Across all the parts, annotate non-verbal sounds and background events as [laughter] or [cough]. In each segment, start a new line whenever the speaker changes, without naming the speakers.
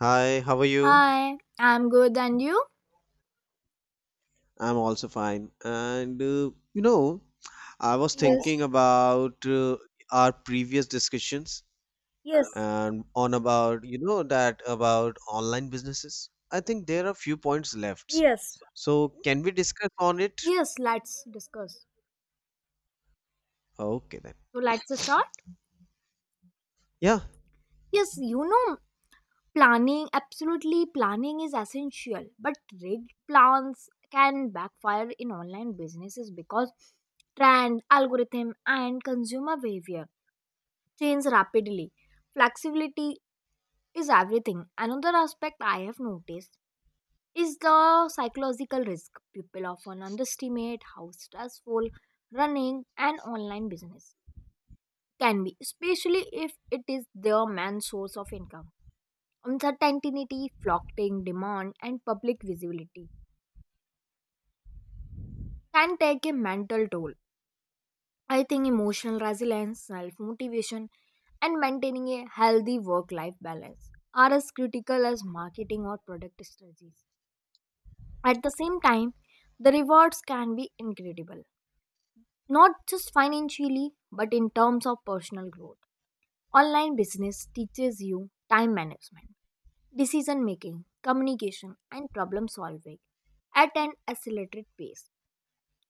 Hi, how are you?
Hi, I'm good, and you?
I'm also fine. And I was
Yes,
thinking about our previous discussions
yes,
and on about, that about online businesses. I think there are few points left.
yes.
So can we discuss on it?
Yes, let's discuss.
Okay then.
So, let's start.
Yeah,
Yes, planning, absolutely, planning is essential, but rigged plans can backfire in online businesses because trend, algorithm, and consumer behavior change rapidly. Flexibility is everything. Another aspect I have noticed is the psychological risk. People often underestimate how stressful running an online business can be, especially if it is their main source of income. Uncertainty, floating demand, and public visibility can take a mental toll. I think emotional resilience, self motivation, and maintaining a healthy work life balance are as critical as marketing or product strategies. At the same time, the rewards can be incredible, not just financially, but in terms of personal growth. Online business teaches you time management, decision making, communication, and problem solving at an accelerated pace.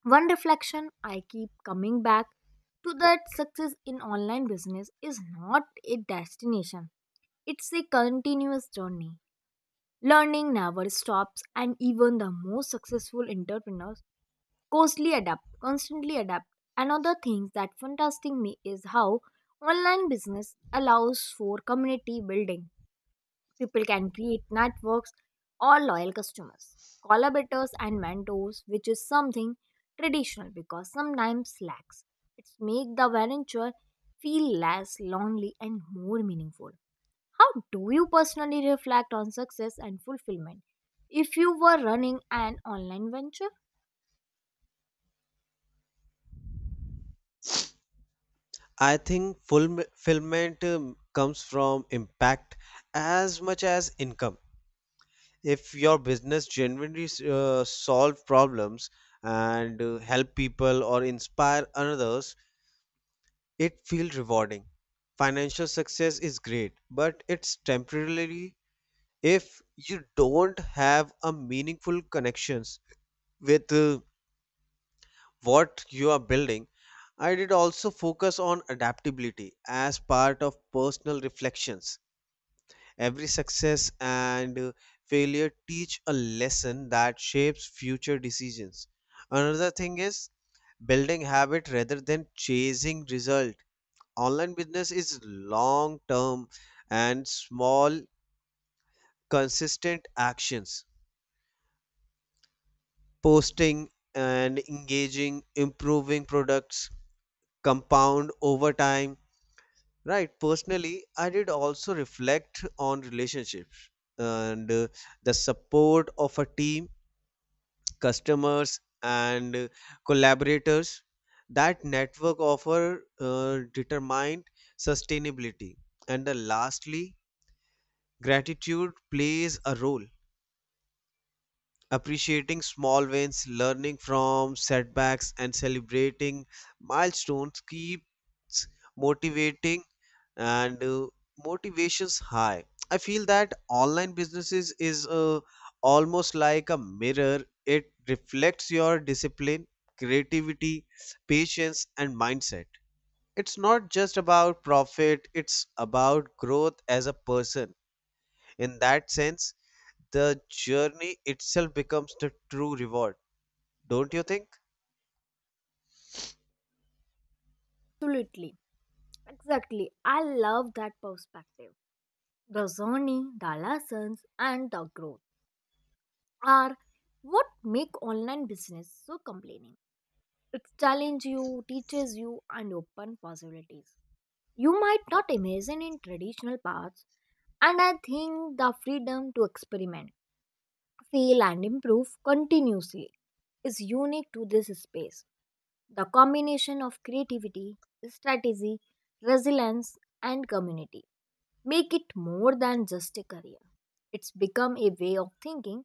One reflection I keep coming back to that success in online business is not a destination, it's a continuous journey. Learning never stops, and even the most successful entrepreneurs costly adapt constantly adapt. Another thing that fantastic me is how online business allows for community building. People can create networks or loyal customers, collaborators and mentors, which is something traditional because sometimes lacks. It's make the venture feel less lonely and more meaningful. How do you personally reflect on success and fulfillment if you were running an online venture?
I think fulfillment comes from impact as much as income. If your business genuinely solve problems and help people or inspire others, it feels rewarding. Financial success is great, but it's temporarily if you don't have a meaningful connections with what you are building. I did also focus on adaptability as part of personal reflections. Every success and failure teach a lesson that shapes future decisions. Another thing is building habit rather than chasing result. Online business is long term and small consistent actions. Posting and engaging, improving products compound over time. Right, personally, I did also reflect on relationships and the support of a team, customers, and collaborators. That network offer determined sustainability. And the lastly, gratitude plays a role, appreciating small wins, learning from setbacks, and celebrating milestones, keeps motivating and motivations high. I feel that online businesses is almost like a mirror. It reflects your discipline, creativity, patience, and mindset. It's not just about profit, it's about growth as a person. In that sense, the journey itself becomes the true reward. Don't you think?
Absolutely. Exactly. I love that perspective. The journey, the lessons, and the growth are what make online business so compelling. It challenges you, teaches you, and open possibilities. You might not imagine in traditional paths, and I think the freedom to experiment, fail, and improve continuously is unique to this space. The combination of creativity, strategy, resilience, and community make it more than just a career. It's become a way of thinking,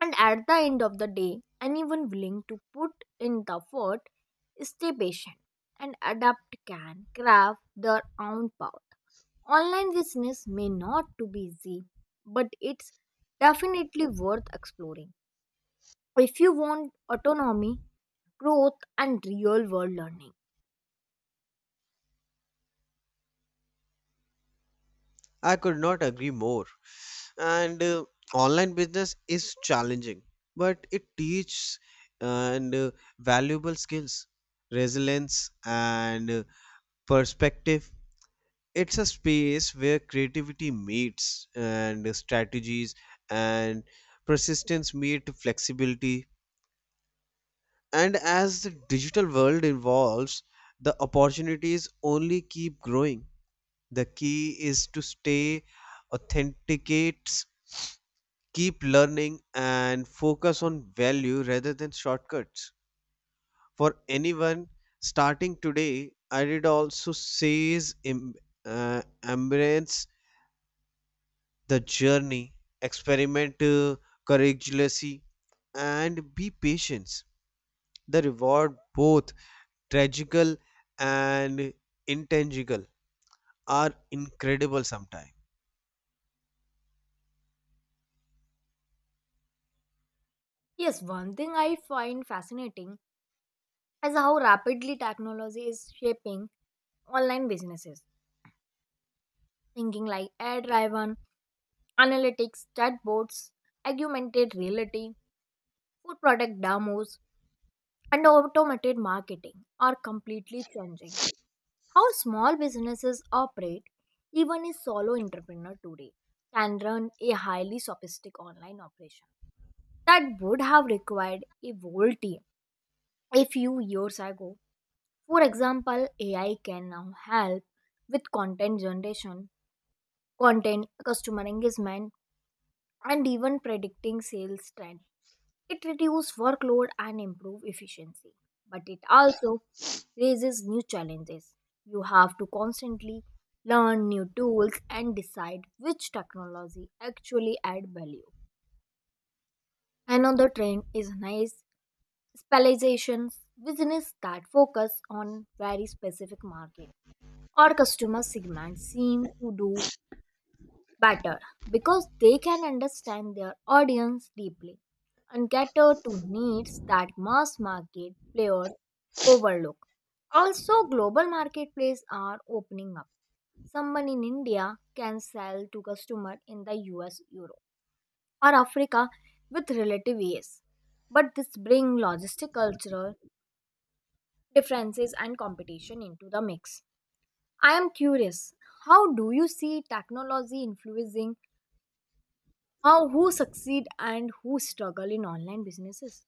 and at the end of the day, anyone willing to put in the effort, stay patient, and adapt can craft their own path. Online business may not to be easy, but it's definitely worth exploring if you want autonomy, growth, and real world learning.
I could not agree more. And online business is challenging, but it teaches and valuable skills, resilience, and perspective. It's a space where creativity meets and strategies, and persistence meet flexibility. And as the digital world evolves, the opportunities only keep growing. The key is to stay authenticates, keep learning, and focus on value rather than shortcuts. For anyone starting today, I did also says uh, embrace the journey, experiment courageously, and be patient. The reward, both tragical and intangible, are incredible sometimes.
Yes, one thing I find fascinating is how rapidly technology is shaping online businesses, thinking like ad driven, analytics, chatbots, augmented reality, food product demos, and automated marketing are completely changing how small businesses operate. Even a solo entrepreneur today can run a highly sophisticated online operation that would have required a whole team a few years ago. For example, AI can now help with content generation, content, customer engagement, and even predicting sales trend. It reduces workload and improves efficiency, but it also raises new challenges. You have to constantly learn new tools and decide which technology actually add value. Another trend is nice specializations, business that focus on very specific market or customer segment seem to do better because they can understand their audience deeply and cater to needs that mass market players overlook. Also, global marketplaces are opening up. Someone in India can sell to customer in the US, Europe, or Africa with relative ease. But this brings logistic cultural differences and competition into the mix. I am curious, how do you see technology influencing how who succeed and who struggle in online businesses?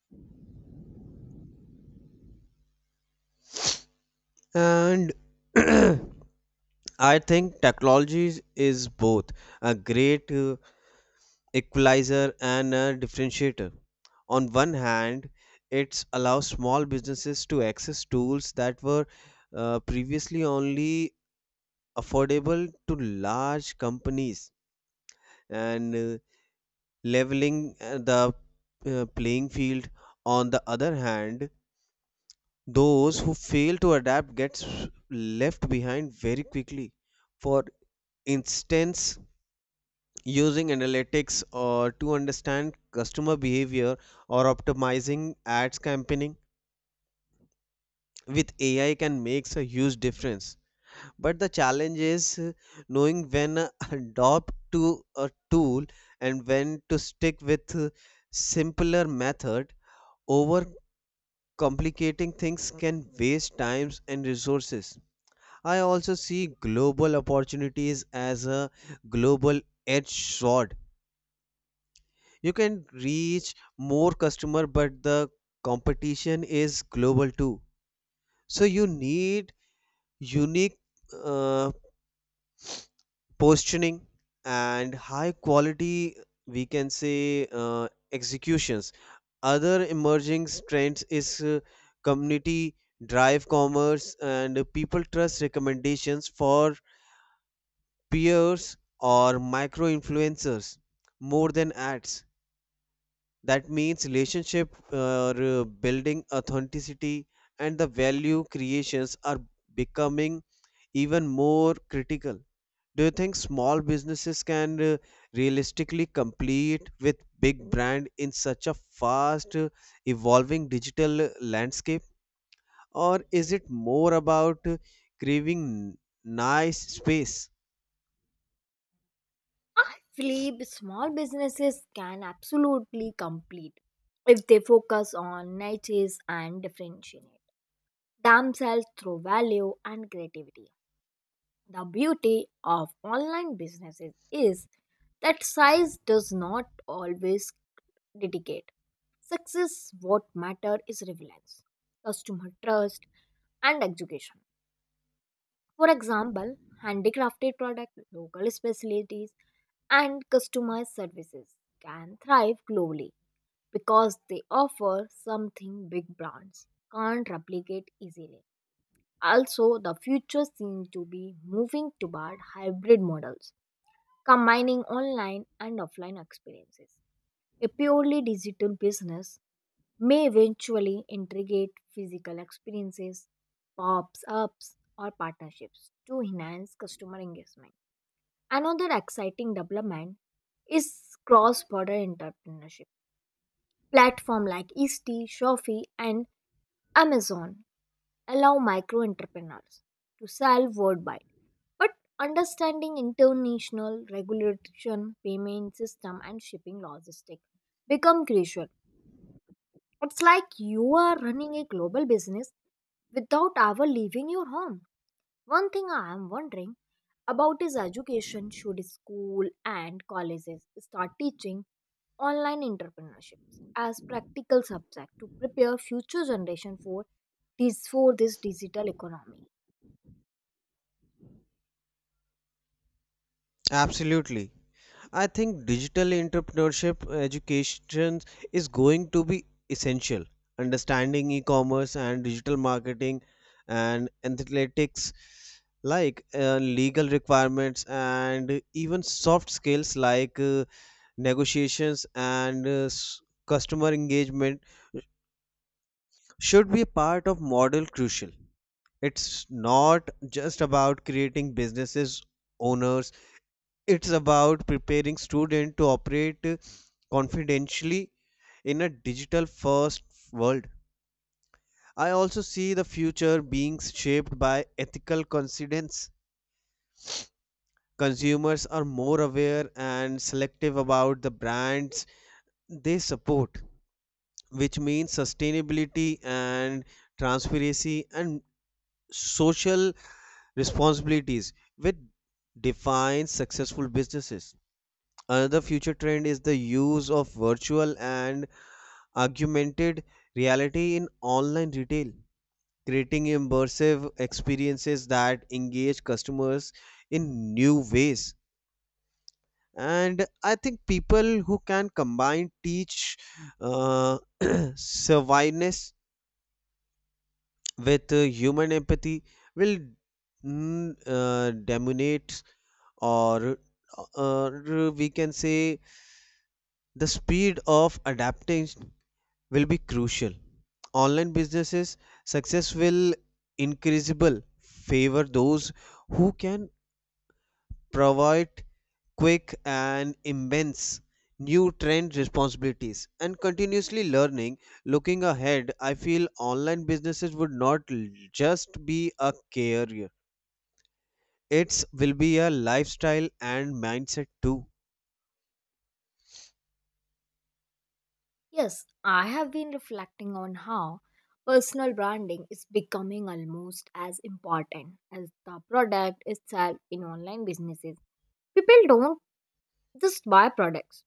And [clears throat] I think technology is both a great equalizer and a differentiator. On one hand, it allows small businesses to access tools that were previously only affordable to large companies, and leveling the playing field. On the other hand, those who fail to adapt gets left behind very quickly. For instance, using analytics or to understand customer behavior or optimizing ads campaigning with AI can makes a huge difference, but the challenge is knowing when [laughs] adopt to a tool and when to stick with simpler method. Over complicating things can waste times and resources. I also see global opportunities as a global edge sword. You can reach more customer, but the competition is global too. So you need unique uh, positioning and high quality, we can say uh, executions. Other emerging trends is community drive commerce, and people trust recommendations for peers or micro influencers more than ads. That means relationship building authenticity, and the value creations are becoming even more critical. Do you think small businesses can realistically compete with big brand in such a fast evolving digital landscape, or is it more about craving nice space?
Actually, the small businesses can absolutely complete if they focus on niches and differentiate themselves through value and creativity. The beauty of online businesses is that size does not always dedicate. Success, what matter is relevance, customer trust, and education. For example, handicrafted products, local specialties, and customized services can thrive globally because they offer something big brands can't replicate easily. Also, the future seems to be moving toward hybrid models combining online and offline experiences. A purely digital business may eventually integrate physical experiences, pops ups, or partnerships to enhance customer engagement. Another exciting development is cross border entrepreneurship. Platforms like Easty, Shopee, and Amazon allow micro entrepreneurs to sell worldwide. But understanding international regulation, payment system, and shipping logistics become crucial. It's like you are running a global business without ever leaving your home. One thing I am wondering about his education, should school and colleges start teaching online entrepreneurships as practical subject to prepare future generation for this digital economy?
Absolutely. I think digital entrepreneurship education is going to be essential. Understanding e-commerce and digital marketing and athletics like legal requirements, and even soft skills like negotiations and customer engagement, should be a part of model crucial. It's not just about creating businesses owners, it's about preparing students to operate confidentially in a digital first world. I also see the future being shaped by ethical considerations. Consumers are more aware and selective about the brands they support, which means sustainability and transparency and social responsibilities, which define successful businesses. Another future trend is the use of virtual and augmented reality in online retail, creating immersive experiences that engage customers in new ways. And I think people who can combine teach [clears throat] savviness with human empathy will dominate, or or we can say the speed of adaptation will be crucial. Online businesses success will increasable favor those who can provide quick and immense new trend responsibilities and continuously learning. Looking ahead, I feel online businesses would not just be a career, it will be a lifestyle and mindset too.
Yes, I have been reflecting on how personal branding is becoming almost as important as the product itself in online businesses. People don't just buy products.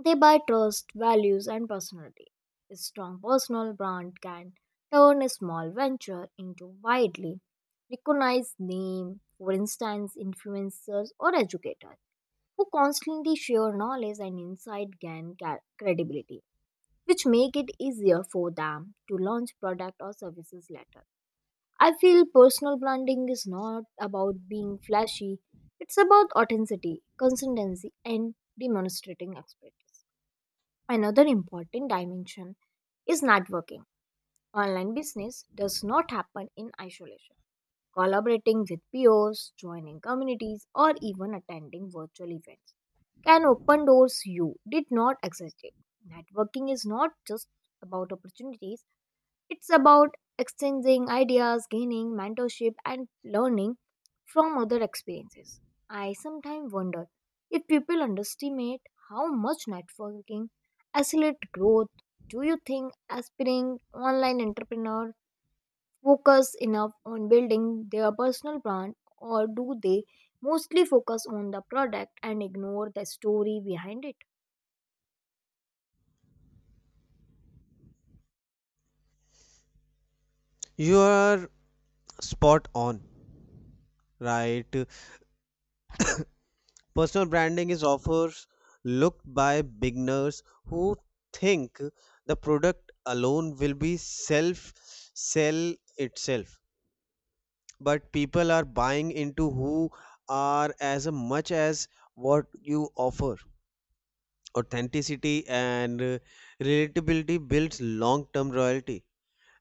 They buy trust, values, and personality. A strong personal brand can turn a small venture into widely recognized name. For instance, influencers or educators who constantly share knowledge and insight gain credibility, which make it easier for them to launch product or services later. I feel personal branding is not about being flashy. It's about authenticity, consistency, and demonstrating expertise. Another important dimension is networking. Online business does not happen in isolation. Collaborating with peers, joining communities, or even attending virtual events can open doors you did not exist. Networking is not just about opportunities, it's about exchanging ideas, gaining mentorship, and learning from other experiences. I sometimes wonder if people underestimate how much networking accelerates growth. Do you think aspiring online entrepreneurs focus enough on building their personal brand, or do they mostly focus on the product and ignore the story behind it?
You are spot on, right. Personal branding is often looked by beginners who think the product alone will be self sell itself. But people are buying into who are as much as what you offer. Authenticity and relatability builds long-term loyalty.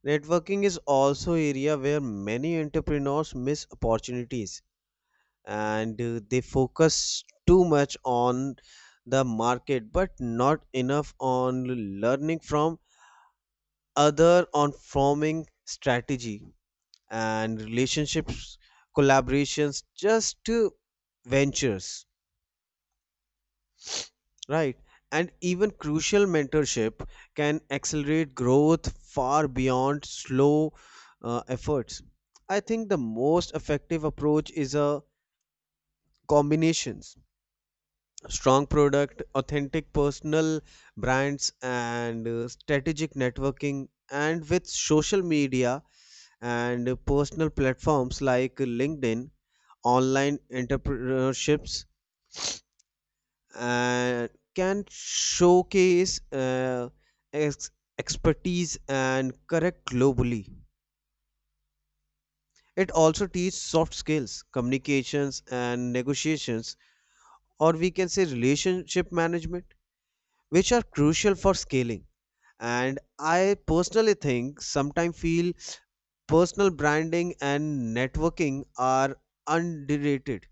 Networking is also area where many entrepreneurs miss opportunities, and they focus too much on the market, but not enough on learning from other on forming strategy and relationships, collaborations, just ventures, right, and even crucial mentorship can accelerate growth far beyond slow efforts. I think the most effective approach is a combinations: strong product, authentic personal brands, and strategic networking. And with social media and personal platforms like LinkedIn, online entrepreneurships uh, can showcase ex- expertise and correct globally. It also teaches soft skills, communications and negotiations, or we can say relationship management, which are crucial for scaling. And I personally think sometimes feel personal branding and networking are underrated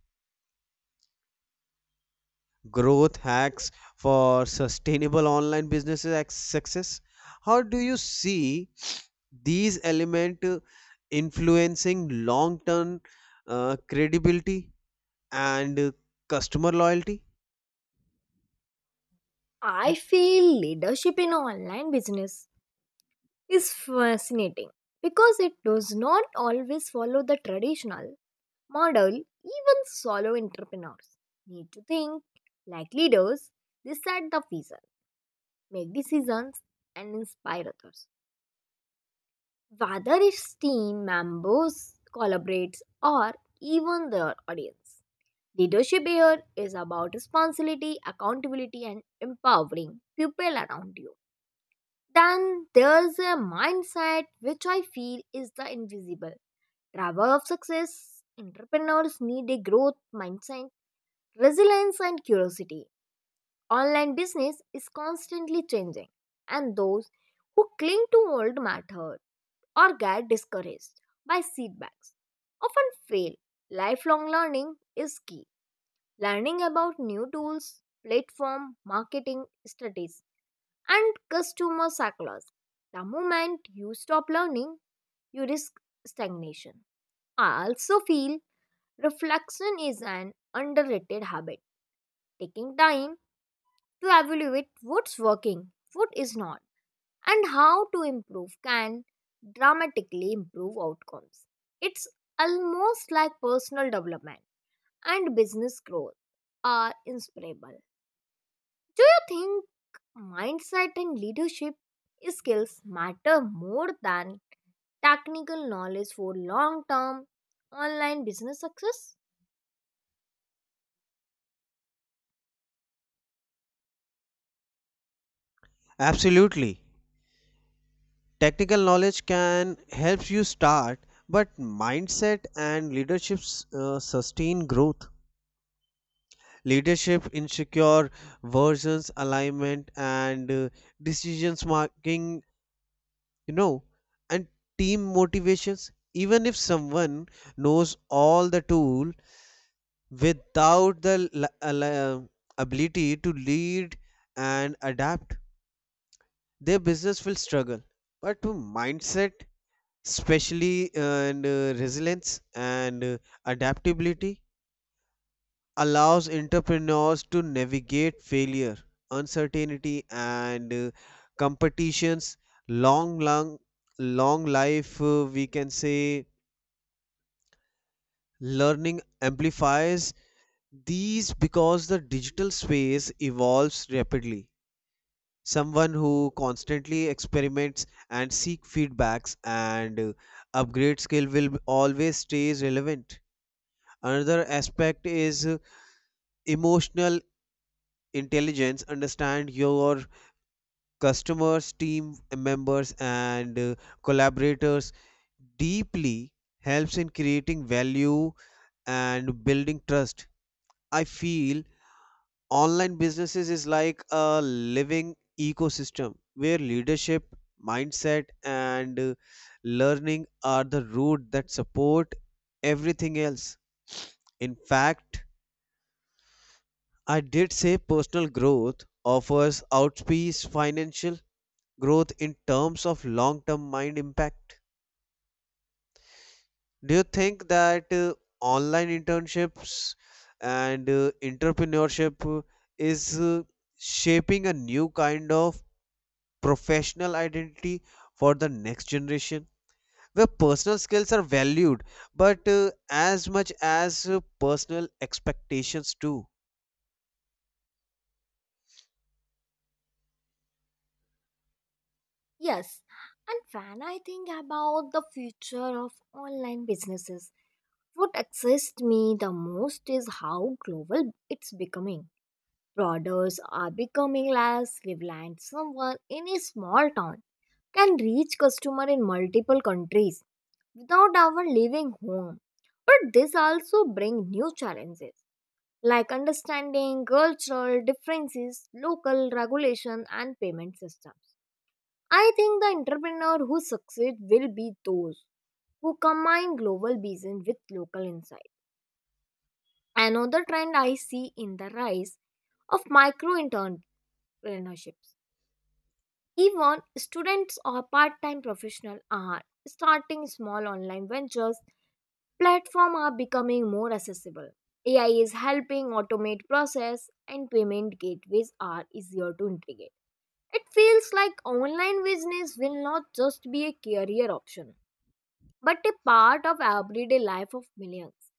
growth hacks for sustainable online businesses success. How do you see these element influencing long term credibility and customer loyalty?
I feel leadership in online business is fascinating because it does not always follow the traditional model. Even solo entrepreneurs need to think like leaders, they set the vision, make decisions, and inspire others, whether it's team members, collaborates, or even their audience. Leadership here is about responsibility, accountability, and empowering people around you. Then there's a mindset which I feel is the invisible driver of success. Entrepreneurs need a growth mindset, resilience, and curiosity. Online business is constantly changing, and those who cling to old method or get discouraged by setbacks often fail. Lifelong learning is key. Learning about new tools, platform, marketing strategies, and customer cycles. The moment you stop learning, you risk stagnation. I also feel reflection is an underrated habit. Taking time to evaluate what's working, what is not, and how to improve can dramatically improve outcomes. It's almost like personal development and business growth are inseparable. Do you think mindset and leadership skills matter more than technical knowledge for long term online business success?
Absolutely. Technical knowledge can help you start, but mindset and leadership sustain growth. Leadership, insecure versions, alignment, and decisions making, you know, and team motivations. Even if someone knows all the tool without the ability to lead and adapt, their business will struggle. But mindset, especially and resilience and adaptability, allows entrepreneurs to navigate failure, uncertainty, and competitions. Long long long life, we can say, learning amplifies these, because the digital space evolves rapidly. Someone who constantly experiments and seek feedbacks and upgrade skill will always stays relevant. Another aspect is emotional intelligence. Understand your customers, team members, and collaborators deeply helps in creating value and building trust. I feel online businesses is like a living ecosystem where leadership, mindset, and learning are the root that support everything else. In fact, I did say personal growth offers outpace financial growth in terms of long term mind impact. Do you think that online internships and entrepreneurship is shaping a new kind of professional identity for the next generation? Where personal skills are valued, but as much as personal expectations too.
Yes, and when I think about the future of online businesses, what excites me the most is how global it's becoming. Products are becoming less reliant. Someone in a small town can reach customer in multiple countries without ever leaving home. But this also brings new challenges like understanding cultural differences, local regulation, and payment systems. I think the entrepreneur who succeed will be those who combine global vision with local insight. Another trend I see in the rise of micro entrepreneurships. Even students or part-time professionals are starting small online ventures. Platforms are becoming more accessible. AI is helping automate process and payment gateways are easier to integrate. It feels like online business will not just be a career option but a part of everyday life of millions.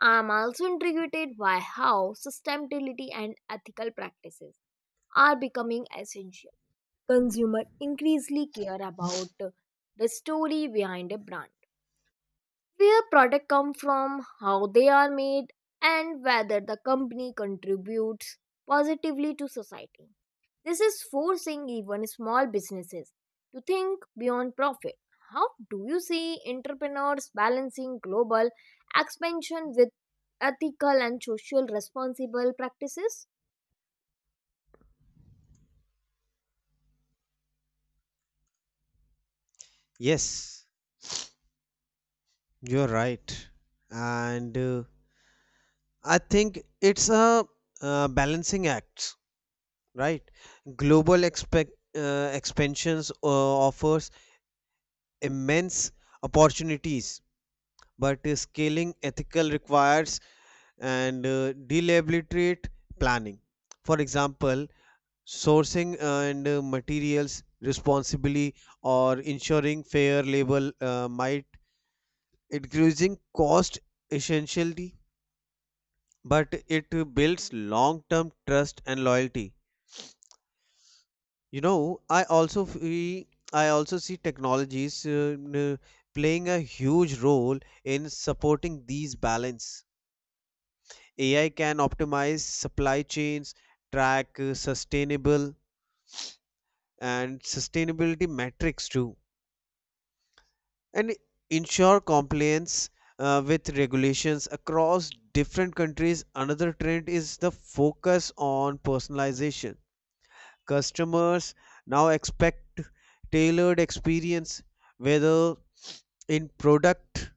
I am also intrigued by how sustainability and ethical practices are becoming essential. Consumers increasingly care about the story behind a brand, where products come from, how they are made, and whether the company contributes positively to society. This is forcing even small businesses to think beyond profit. How do you see entrepreneurs balancing global expansion with ethical and social responsible practices?
Yes, you're right. And I think it's a balancing act, right? Global expansions offers immense opportunities, but scaling ethical requires and deliberate planning. For example, sourcing and materials responsibly, or ensuring fair labor might increasing cost essentially, but it builds long-term trust and loyalty. You know, I also see technologies playing a huge role in supporting these balance. AI can optimize supply chains, track sustainable and sustainability metrics too, and ensure compliance with regulations across different countries. Another trend is the focus on personalization. Customers now expect tailored experience, whether in product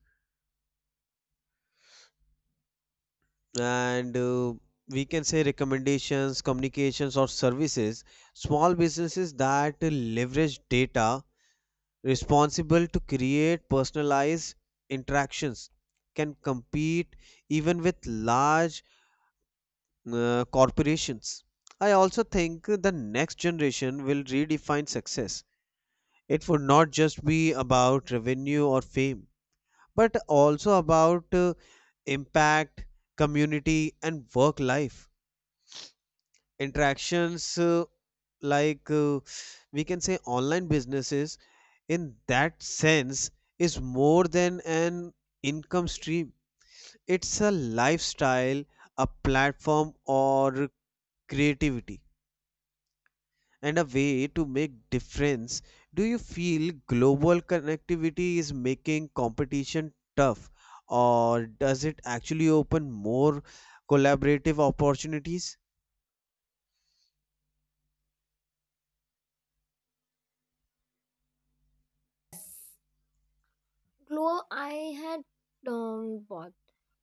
and we can say recommendations, communications, or services. Small businesses that leverage data responsible to create personalized interactions can compete even with large corporations. I also think the next generation will redefine success. It would not just be about revenue or fame, but also about impact, community, and work life. Interactions, like uh, we can say, online businesses, in that sense, is more than an income stream. It's a lifestyle, a platform, or creativity, and a way to make difference. Do you feel global connectivity is making competition tough, or does it actually open more collaborative opportunities?
Glo- I had bought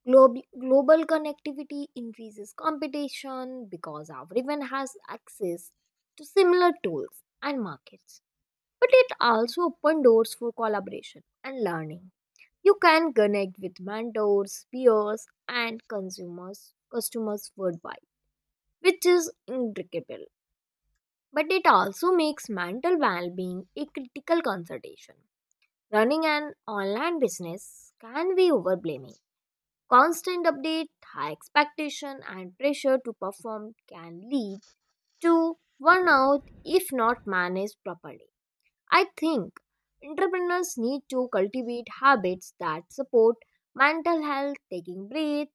Global, global connectivity increases competition because everyone has access to similar tools and markets. But it also opens doors for collaboration and learning. You can connect with mentors, peers, and consumers, customers worldwide, which is incredible. But it also makes mental well-being a critical consideration. Running an online business can be overwhelming. Constant update, high expectation, and pressure to perform can lead to burnout if not managed properly. I think entrepreneurs need to cultivate habits that support mental health, taking breath,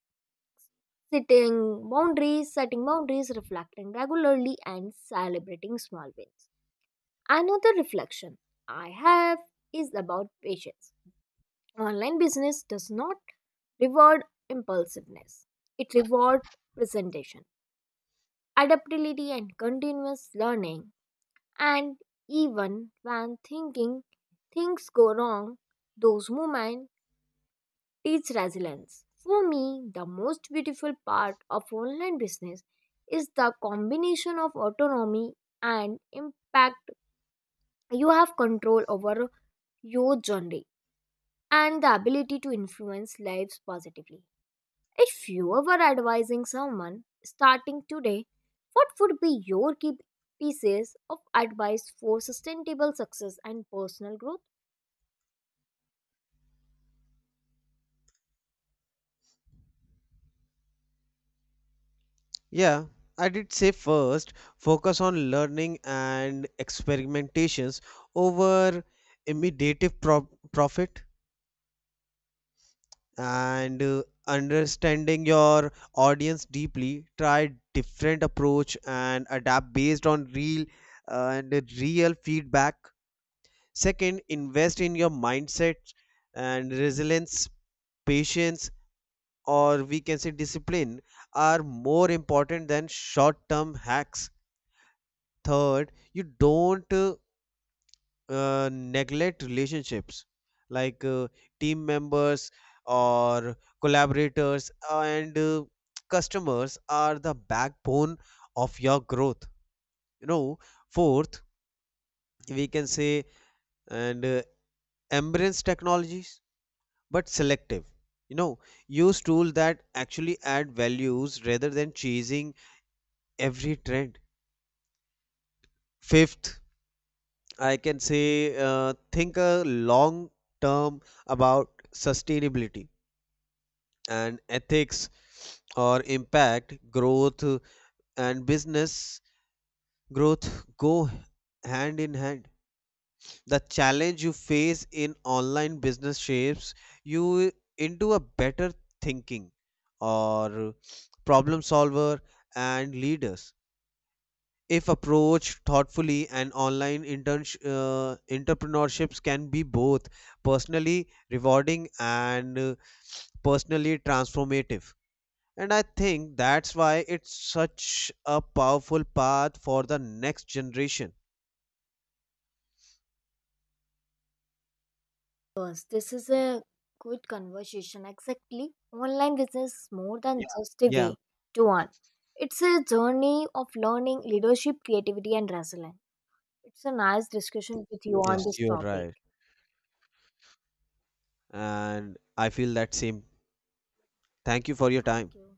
setting boundaries, reflecting regularly, and celebrating small wins. Another reflection I have is about patience. Online business does not reward impulsiveness, it rewards presentation, adaptability, and continuous learning. And even when thinking things go wrong, those moments teach resilience. For me, the most beautiful part of online business is the combination of autonomy and impact. You have control over your journey and the ability to influence lives positively. If you were advising someone starting today, what would be your key pieces of advice for sustainable success and personal growth?
Yeah, I did say first, focus on learning and experimentations over immediate profit, and understanding your audience deeply. Try different approach and adapt based on real and real feedback. Second, invest in your mindset and resilience. Patience, or we can say discipline, are more important than short term hacks. Third, you don't neglect relationships, like team members or collaborators, and customers are the backbone of your growth, you know. Fourth, we can say, and embrace technologies but selective, you know, use tools that actually add values rather than chasing every trend. Fifth, I can say, think a long term about sustainability and ethics, or impact growth, and business growth go hand in hand. The challenge you face in online business shapes you into a better thinking, or problem solver, and leaders, if approached thoughtfully. And online interns entrepreneurships can be both personally rewarding and personally transformative. And I think that's why it's such a powerful path for the next generation.
Course, this is a good conversation. Exactly. Online business is more than, yeah, just a way
Yeah,
to earn. It's a journey of learning, leadership, creativity, and resilience. It's a nice discussion with you on
yes,
this
you're
topic.
right. And I feel that same. Thank you for your time.
Thank you.